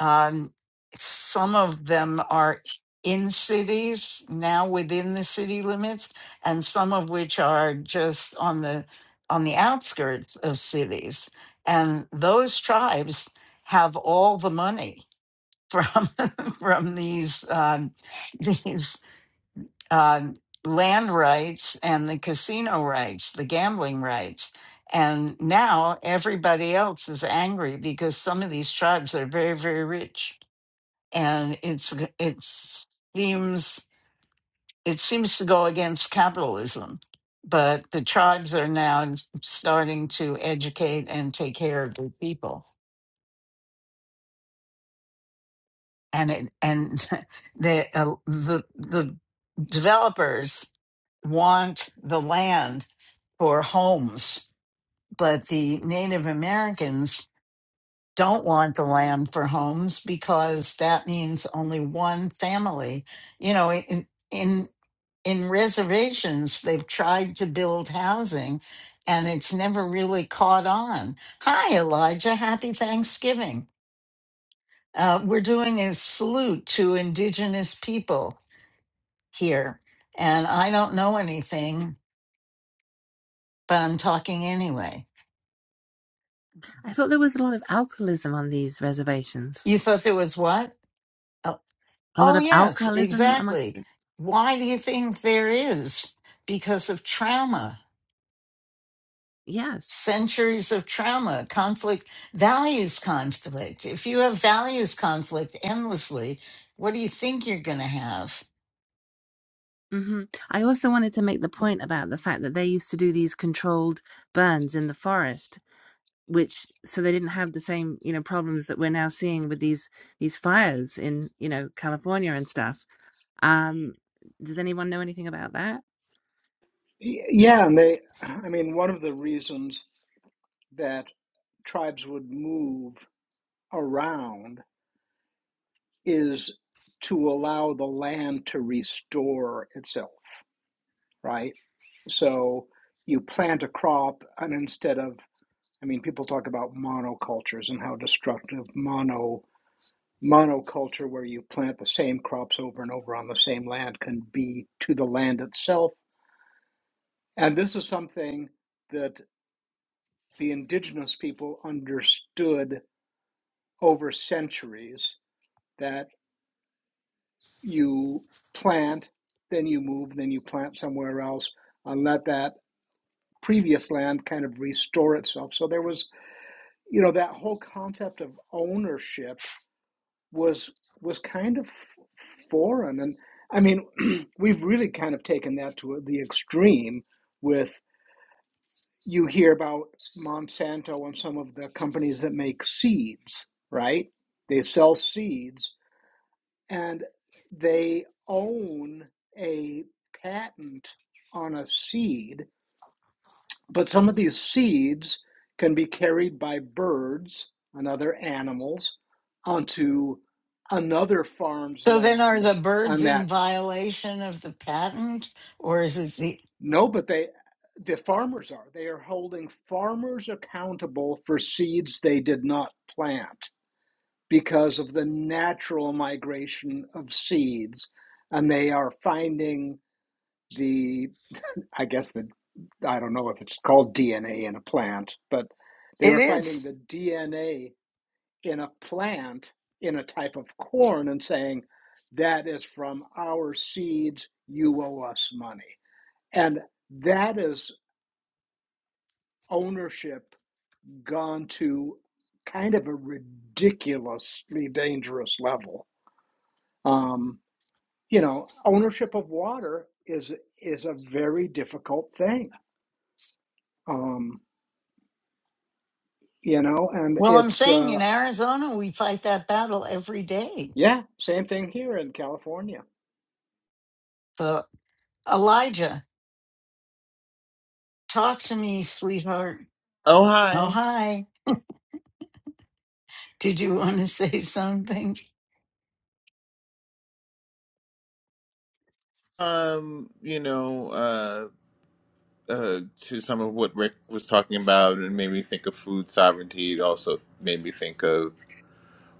Speaker 1: Um, some of them are in cities now within the city limits, and some of which are just on the on the outskirts of cities. And those tribes have all the money from from these um, these um, land rights and the casino rights, the gambling rights. And now everybody else is angry because some of these tribes are very, very rich, and it's it seems it seems to go against capitalism. But the tribes are now starting to educate and take care of their people, and it and the uh, the the developers want the land for homes, but the Native Americans don't want the land for homes because that means only one family. You know, in in in reservations, they've tried to build housing and it's never really caught on. Hi, Elijah. Happy Thanksgiving. Uh, we're doing a salute to Indigenous people here. And I don't know anything, but I'm talking anyway.
Speaker 4: I thought there was a lot of alcoholism on these reservations.
Speaker 1: You thought there was what? Oh,
Speaker 4: A lot
Speaker 1: oh,
Speaker 4: of
Speaker 1: yes,
Speaker 4: alcoholism among
Speaker 1: exactly. Why do you think there is? Because of trauma,
Speaker 4: yes.
Speaker 1: centuries of trauma, conflict, values conflict. If you have values conflict endlessly, what do you think you're going to have?
Speaker 4: hmm I also wanted to make the point about the fact that they used to do these controlled burns in the forest, which so they didn't have the same you know problems that we're now seeing with these these fires in you know California and stuff. Um, does anyone know anything about that?
Speaker 3: Yeah, and they, I mean, one of the reasons that tribes would move around is to allow the land to restore itself, right? So you plant a crop, and instead of, I mean, people talk about monocultures and how destructive mono monoculture, where you plant the same crops over and over on the same land, can be to the land itself. And this is something that the indigenous people understood over centuries that. you plant, then you move, then you plant somewhere else, and let that previous land kind of restore itself. So there was, you know, that whole concept of ownership was was kind of foreign, and I mean, we've really kind of taken that to the extreme. With you hear about Monsanto and some of the companies that make seeds, right? They sell seeds and they own a patent on a seed. But some of these seeds can be carried by birds and other animals onto another farm's
Speaker 1: So then are
Speaker 3: land
Speaker 1: the birds
Speaker 3: and
Speaker 1: in
Speaker 3: that
Speaker 1: violation of the patent or is it the
Speaker 3: no but they the farmers are they are holding farmers accountable for seeds they did not plant because of the natural migration of seeds and they are finding the I guess the I don't know if it's called DNA in a plant, but they
Speaker 1: it
Speaker 3: were finding
Speaker 1: is.
Speaker 3: the DNA in a plant in a type of corn and saying that is from our seeds. You owe us money, and that is ownership gone to kind of a ridiculously dangerous level. Um, you know, ownership of water is is a very difficult thing. Um, you know, and
Speaker 1: Well, I'm
Speaker 3: it's.
Speaker 1: saying
Speaker 3: Uh,
Speaker 1: in Arizona we fight that battle every day.
Speaker 3: Yeah, same thing here in California.
Speaker 1: So Elijah, talk to me, sweetheart.
Speaker 5: Oh,
Speaker 1: Oh,
Speaker 5: hi.
Speaker 1: hi. Did you want to say something?
Speaker 5: Um, you know, uh, uh, to some of what Rick was talking about, and made me think of food sovereignty. It also made me think of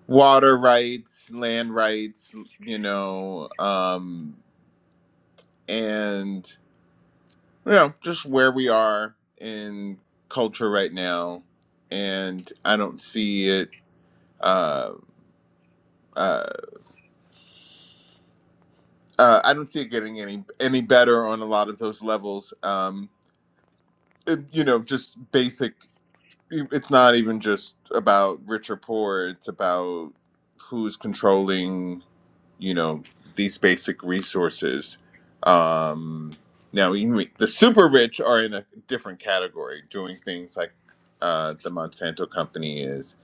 Speaker 5: water rights, land rights, you know, um, and, you know, just where we are in culture right now. And I don't see it, uh, uh, uh, I don't see it getting any any better on a lot of those levels. Um, it- you know, just basic. e, it's not even just about rich or poor it's about who's controlling you know these basic resources um now you the super rich are in a different category doing things like uh the monsanto company is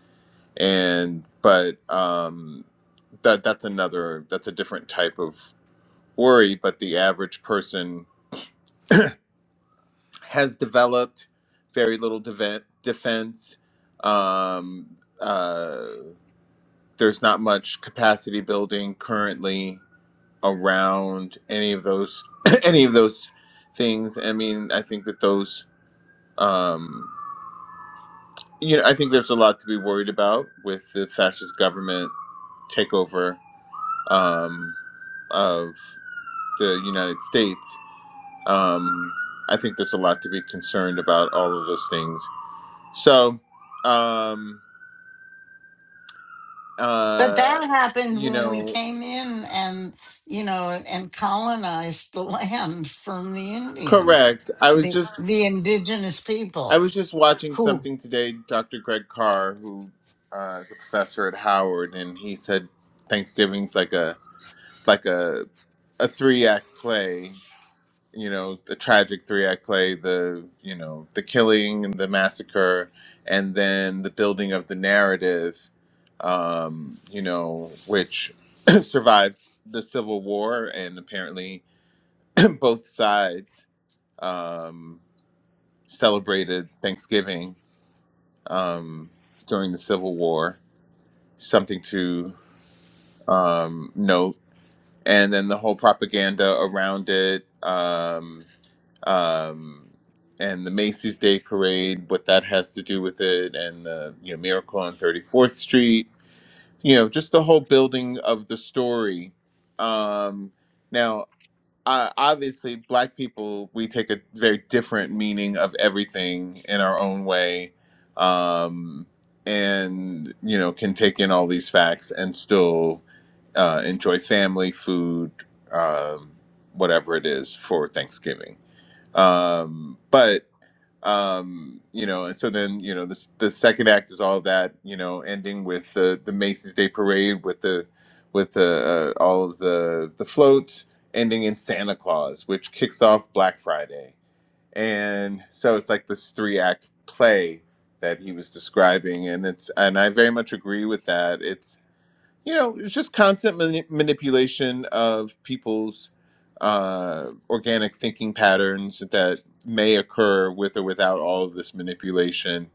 Speaker 5: and but um that that's another that's a different type of worry but the average person has developed very little deve- defense um uh, there's not much capacity building currently around any of those any of those things. I mean, I think that those um, you know, I think there's a lot to be worried about with the fascist government takeover um, of the United States. Um, I think there's a lot to be concerned about all of those things. So, um,
Speaker 1: But
Speaker 5: uh,
Speaker 1: that happened
Speaker 5: you
Speaker 1: when we
Speaker 5: know,
Speaker 1: came in and, you know, and colonized the land from the Indians,
Speaker 5: correct. I was
Speaker 1: the,
Speaker 5: just
Speaker 1: the indigenous
Speaker 5: I
Speaker 1: people
Speaker 5: was just watching
Speaker 1: who,
Speaker 5: something today, Dr. Greg Carr, who uh, is a professor at Howard, and he said Thanksgiving's like a like a a three act play, you know, a tragic three act play, the you know, the killing and the massacre and then the building of the narrative, um, you know, which survived the Civil War and apparently both sides um celebrated Thanksgiving um, during the Civil War. Something to um, note. And then the whole propaganda around it, um, um, and the Macy's Day Parade, what that has to do with it, and the you know Miracle on Thirty Fourth Street. You know, just the whole building of the story. Um, now uh, obviously black people we take a very different meaning of everything in our own way um, and you know can take in all these facts and still uh, enjoy family food um, whatever it is for thanksgiving um, but um you know and so then you know the the second act is all of that you know ending with the the macy's day parade with the with the uh, all of the the floats ending in santa claus which kicks off black friday and so it's like this three act play that he was describing and it's and i very much agree with that it's you know, it's just constant mani- manipulation of people's uh, organic thinking patterns that may occur with or without all of this manipulation.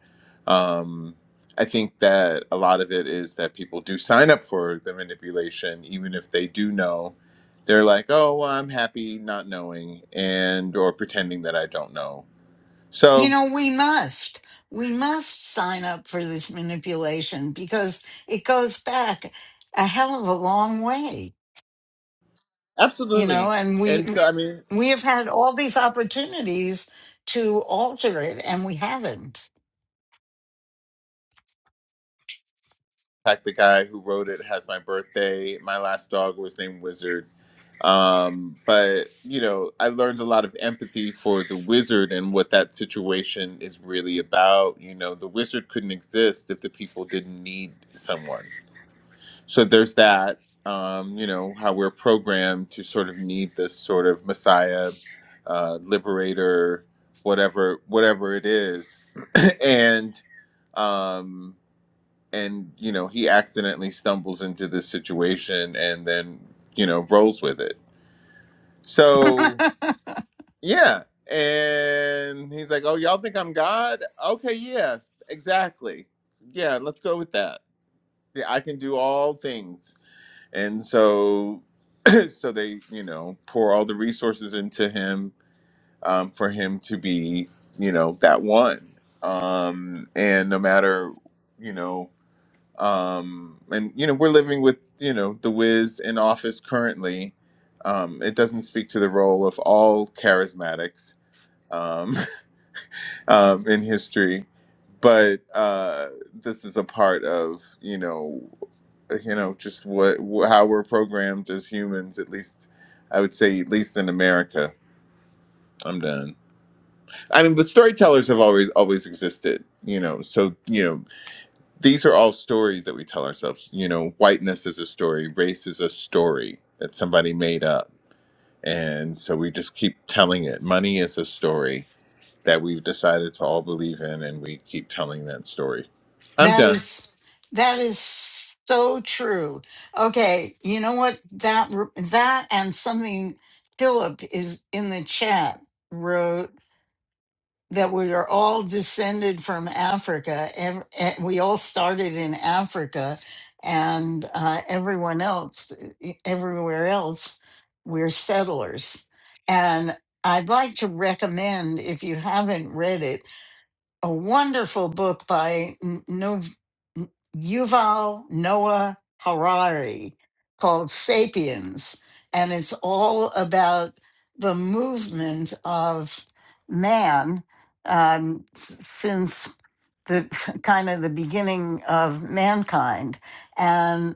Speaker 5: Um, I think that a lot of it is that people do sign up for the manipulation, even if they do know. They're like, oh, well, I'm happy not knowing and or pretending that I don't know.
Speaker 1: you
Speaker 5: So,
Speaker 1: know, we must, we must sign up for this manipulation because it goes back a hell of a long way, you know,
Speaker 5: absolutely.
Speaker 1: and we,
Speaker 5: And so, I mean,
Speaker 1: we have had all these opportunities to alter it and we haven't.
Speaker 5: fact, the guy who wrote it has my birthday. My last dog was named Wizard. Um, but, you know, I learned a lot of empathy for the wizard and what that situation is really about. You know, the wizard couldn't exist if the people didn't need someone. So there's that, um, you know, how we're programmed to sort of need this sort of messiah, uh, liberator, whatever, whatever it is. And, um, and you know he accidentally stumbles into this situation and then you know rolls with it so yeah and he's like oh y'all think i'm god okay yeah exactly yeah let's go with that yeah, i can do all things and so so they you know pour all the resources into him um, for him to be you know that one um and no matter you know um, and you know we're living with you know the Wiz in office currently. Um, it doesn't speak to the role of all charismatics um, um, in history, but uh, this is a part of you know you know just what wh- how we're programmed as humans. At least I would say, at least in America. I'm done. I mean, the storytellers have always always existed. You know, so you know these are all stories that we tell ourselves. You know, whiteness is a story, race is a story that somebody made up. And so we just keep telling it. Money is a story that we've decided to all believe in and we keep telling that story. I'm
Speaker 1: That
Speaker 5: done.
Speaker 1: is that is so true. Okay, you know what? That that and something Philip is in the chat wrote that we are all descended from Africa. Ev- eh, We all started in Africa, and uh, everyone else, eh, everywhere else, we're settlers. And I'd like to recommend, if you haven't read it, a wonderful book by N- Nov- N- Yuval Noah Harari called Sapiens. And it's all about the movement of man um, s- since the kind of the beginning of mankind. And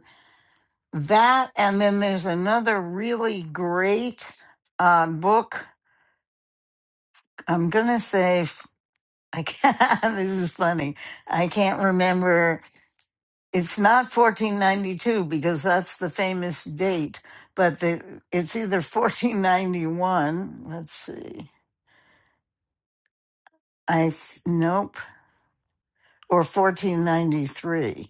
Speaker 1: that, and then there's another really great uh, book, I'm going to say I can't, this is funny. I can't remember. It's not 1492 because that's the famous date, but the, it's either 1491. Let's see. I f- nope or 1493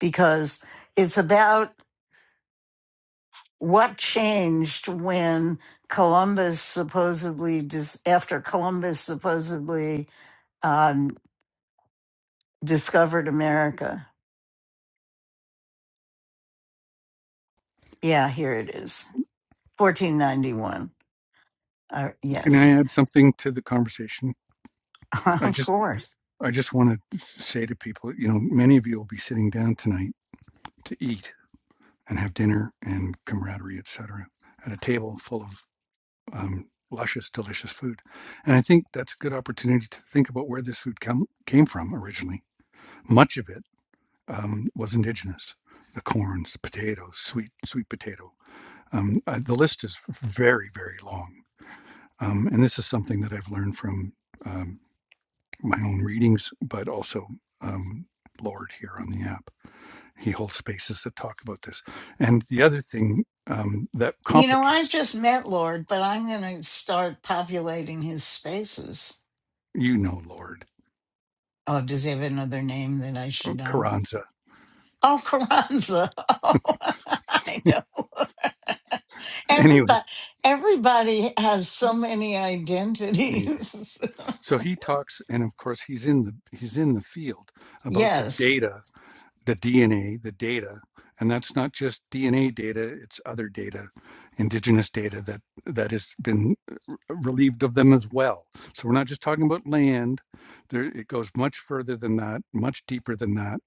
Speaker 1: because it's about what changed when Columbus supposedly dis, after Columbus supposedly um, discovered America. Yeah, here it is. 1491. Uh,
Speaker 2: Can I
Speaker 1: yes,
Speaker 2: add something to the conversation? I
Speaker 1: of
Speaker 2: just
Speaker 1: course.
Speaker 2: I just want to say to people, you know, many of you will be sitting down tonight to eat and have dinner and camaraderie, et cetera, at a table full of um, luscious, delicious food. And I think that's a good opportunity to think about where this food come, came from originally. Much of it um, was indigenous: the corns, the potatoes, sweet sweet potato. Um, uh, the list is very, very long Um, and this is something that I've learned from um, my own readings, but also um, Lord here on the app. He holds spaces that talk about this. And the other thing um, that
Speaker 1: You know, I've
Speaker 2: complicates,
Speaker 1: just met Lord, but I'm going to start populating his spaces.
Speaker 2: you know, Lord,
Speaker 1: Oh, does he have another name that I should know?
Speaker 2: Carranza.
Speaker 1: Oh, Carranza. Oh, I know.
Speaker 2: Anyway,
Speaker 1: Everybody, everybody has so many
Speaker 2: eh,
Speaker 1: identities.
Speaker 2: so he talks, and of course he's in the he's in the field about the
Speaker 1: yes,
Speaker 2: data, the DNA, the data, and that's not just DNA data; it's other data, indigenous data that that has been relieved of them as well. So we're not just talking about land. There, it goes much further than that, much deeper than that.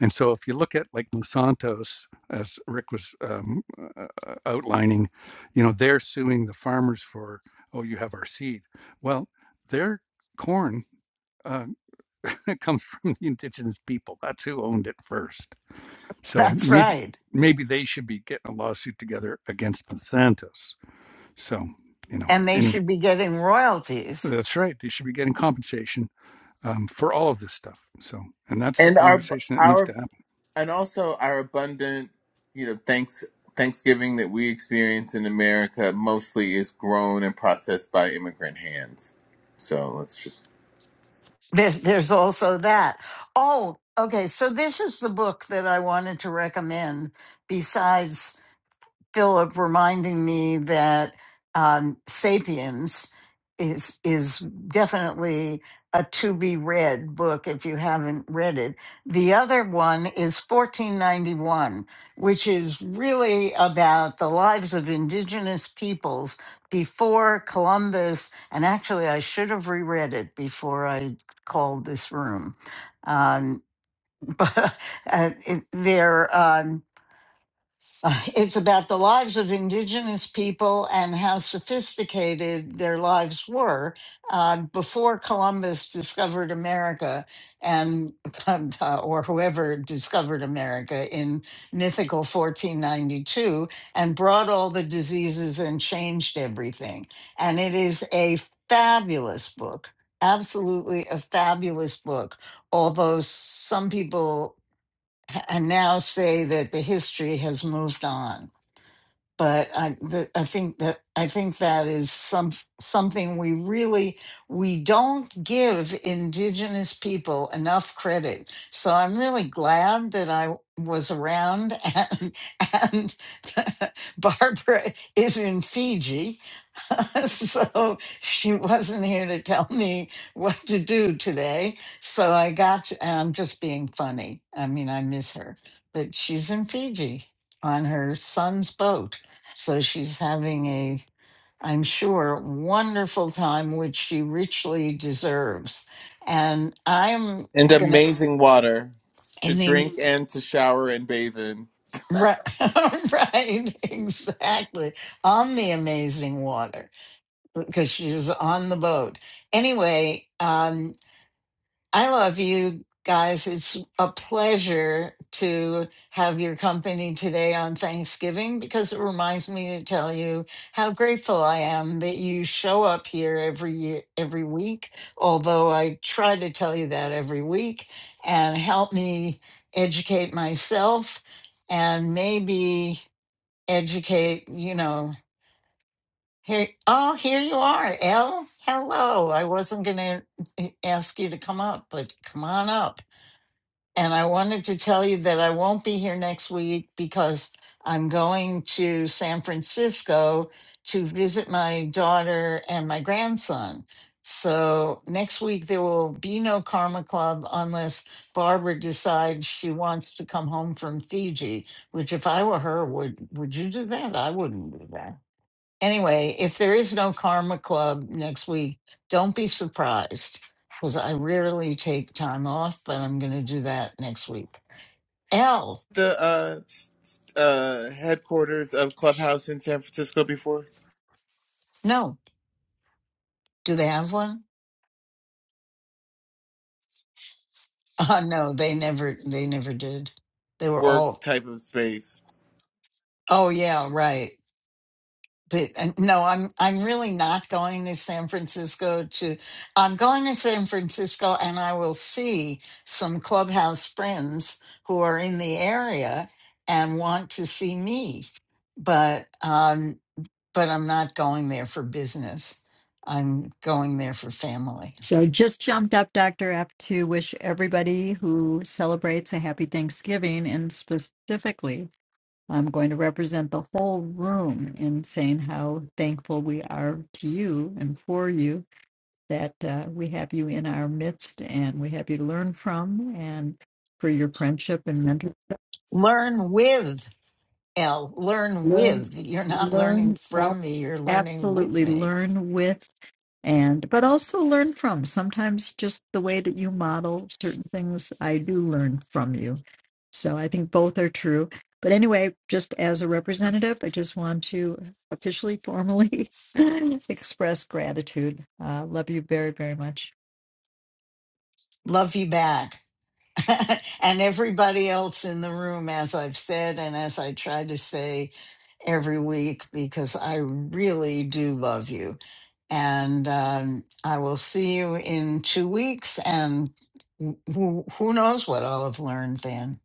Speaker 2: And so if you look at like Monsanto's, as Rick was um, uh, uh, outlining, you know, they're suing the farmers for, oh, you have our seed. Well, their corn uh, comes from the indigenous people. That's who owned it first. So
Speaker 1: that's
Speaker 2: maybe
Speaker 1: right.
Speaker 2: maybe they should be getting a lawsuit together against Monsanto's. So, you know,
Speaker 1: And they
Speaker 2: anyway.
Speaker 1: should be getting royalties.
Speaker 2: That's right. They should be getting compensation um, for all of this stuff. So, and that's the
Speaker 5: And our
Speaker 2: conversation that needs to
Speaker 5: our
Speaker 2: happen.
Speaker 5: and also our abundant, you know, thanks Thanksgiving that we experience in America mostly is grown and processed by immigrant hands. So let's just
Speaker 1: There's, there's also that. Oh, okay. So this is the book that I wanted to recommend besides Philip reminding me that um, *Sapiens* is is definitely a to be read book if you haven't read it. The other one is *1491*, which is really about the lives of indigenous peoples before Columbus. And actually, I should have reread it before I called this room. Um, but uh, it, they're. Um, uh, It's about the lives of indigenous people and how sophisticated their lives were uh, before Columbus discovered America and uh, or whoever discovered America in mythical 1492 and brought all the diseases and changed everything. And it is a fabulous book, absolutely a fabulous book. Although some people ha- now say that the history has moved on but I th- I think that I think that is some something we really we don't give indigenous people enough credit. So I'm really glad that I was around and and Barbara is in Fiji. so she wasn't here to tell me what to do today. So I got to- and I'm just being funny. I mean I miss her, but she's in Fiji on her son's boat. So she's having a, I'm sure, wonderful time, which she richly deserves. And I'm
Speaker 5: and
Speaker 1: gonna,
Speaker 5: amazing water to
Speaker 1: in the
Speaker 5: drink and to shower and bathe in.
Speaker 1: right, right, exactly, on the amazing water because she's on the boat. Anyway, um, I love you guys. It's a pleasure to have your company today on Thanksgiving because it reminds me to tell you how grateful I am that you show up here every year, every week. Although I try to tell you that every week and help me educate myself and maybe educate, you know, here, oh, here you are, Elle. Hello. I wasn't going to ask you to come up, but come on up. And I wanted to tell you that I won't be here next week because I'm going to San Francisco to visit my daughter and my grandson. So next week there will be no Karma Club unless Barbara decides she wants to come home from Fiji, which if I were her, would would you do that? I wouldn't do that anyway, if there is no Karma Club next week, don't be surprised because I rarely take time off, but I'm going to do that next week. L,
Speaker 5: The uh, s- s- uh, headquarters of Clubhouse in San Francisco before
Speaker 1: no, do they have one? Uh, no, they never, they never did. They were
Speaker 5: work
Speaker 1: all,
Speaker 5: type of space.
Speaker 1: oh yeah, right. but uh, no i'm i'm really not going to san francisco to i'm going to san francisco and i will see some clubhouse friends who are in the area and want to see me but um but i'm not going there for business i'm going there for family
Speaker 6: So just jumped up, Dr. F, to wish everybody who celebrates a happy Thanksgiving. And specifically, I'm going to represent the whole room in saying how thankful we are to you and for you that uh, we have you in our midst and we have you to learn from and for your friendship and mentorship.
Speaker 1: learn with l learn
Speaker 6: Learn,
Speaker 1: with you're not learning
Speaker 6: learn, ab-
Speaker 1: from me you're learning with
Speaker 6: absolutely
Speaker 1: me
Speaker 6: learn with and but also learn from sometimes just the way that you model certain things i do learn from you so i think both are true but anyway just as a representative i just want to officially formally express gratitude uh, love you very very much
Speaker 1: love you back and everybody else in the room, as I've said, and as I try to say every week, because I really do love you. And um, I will see you in two weeks, and who, who knows what I'll have learned then.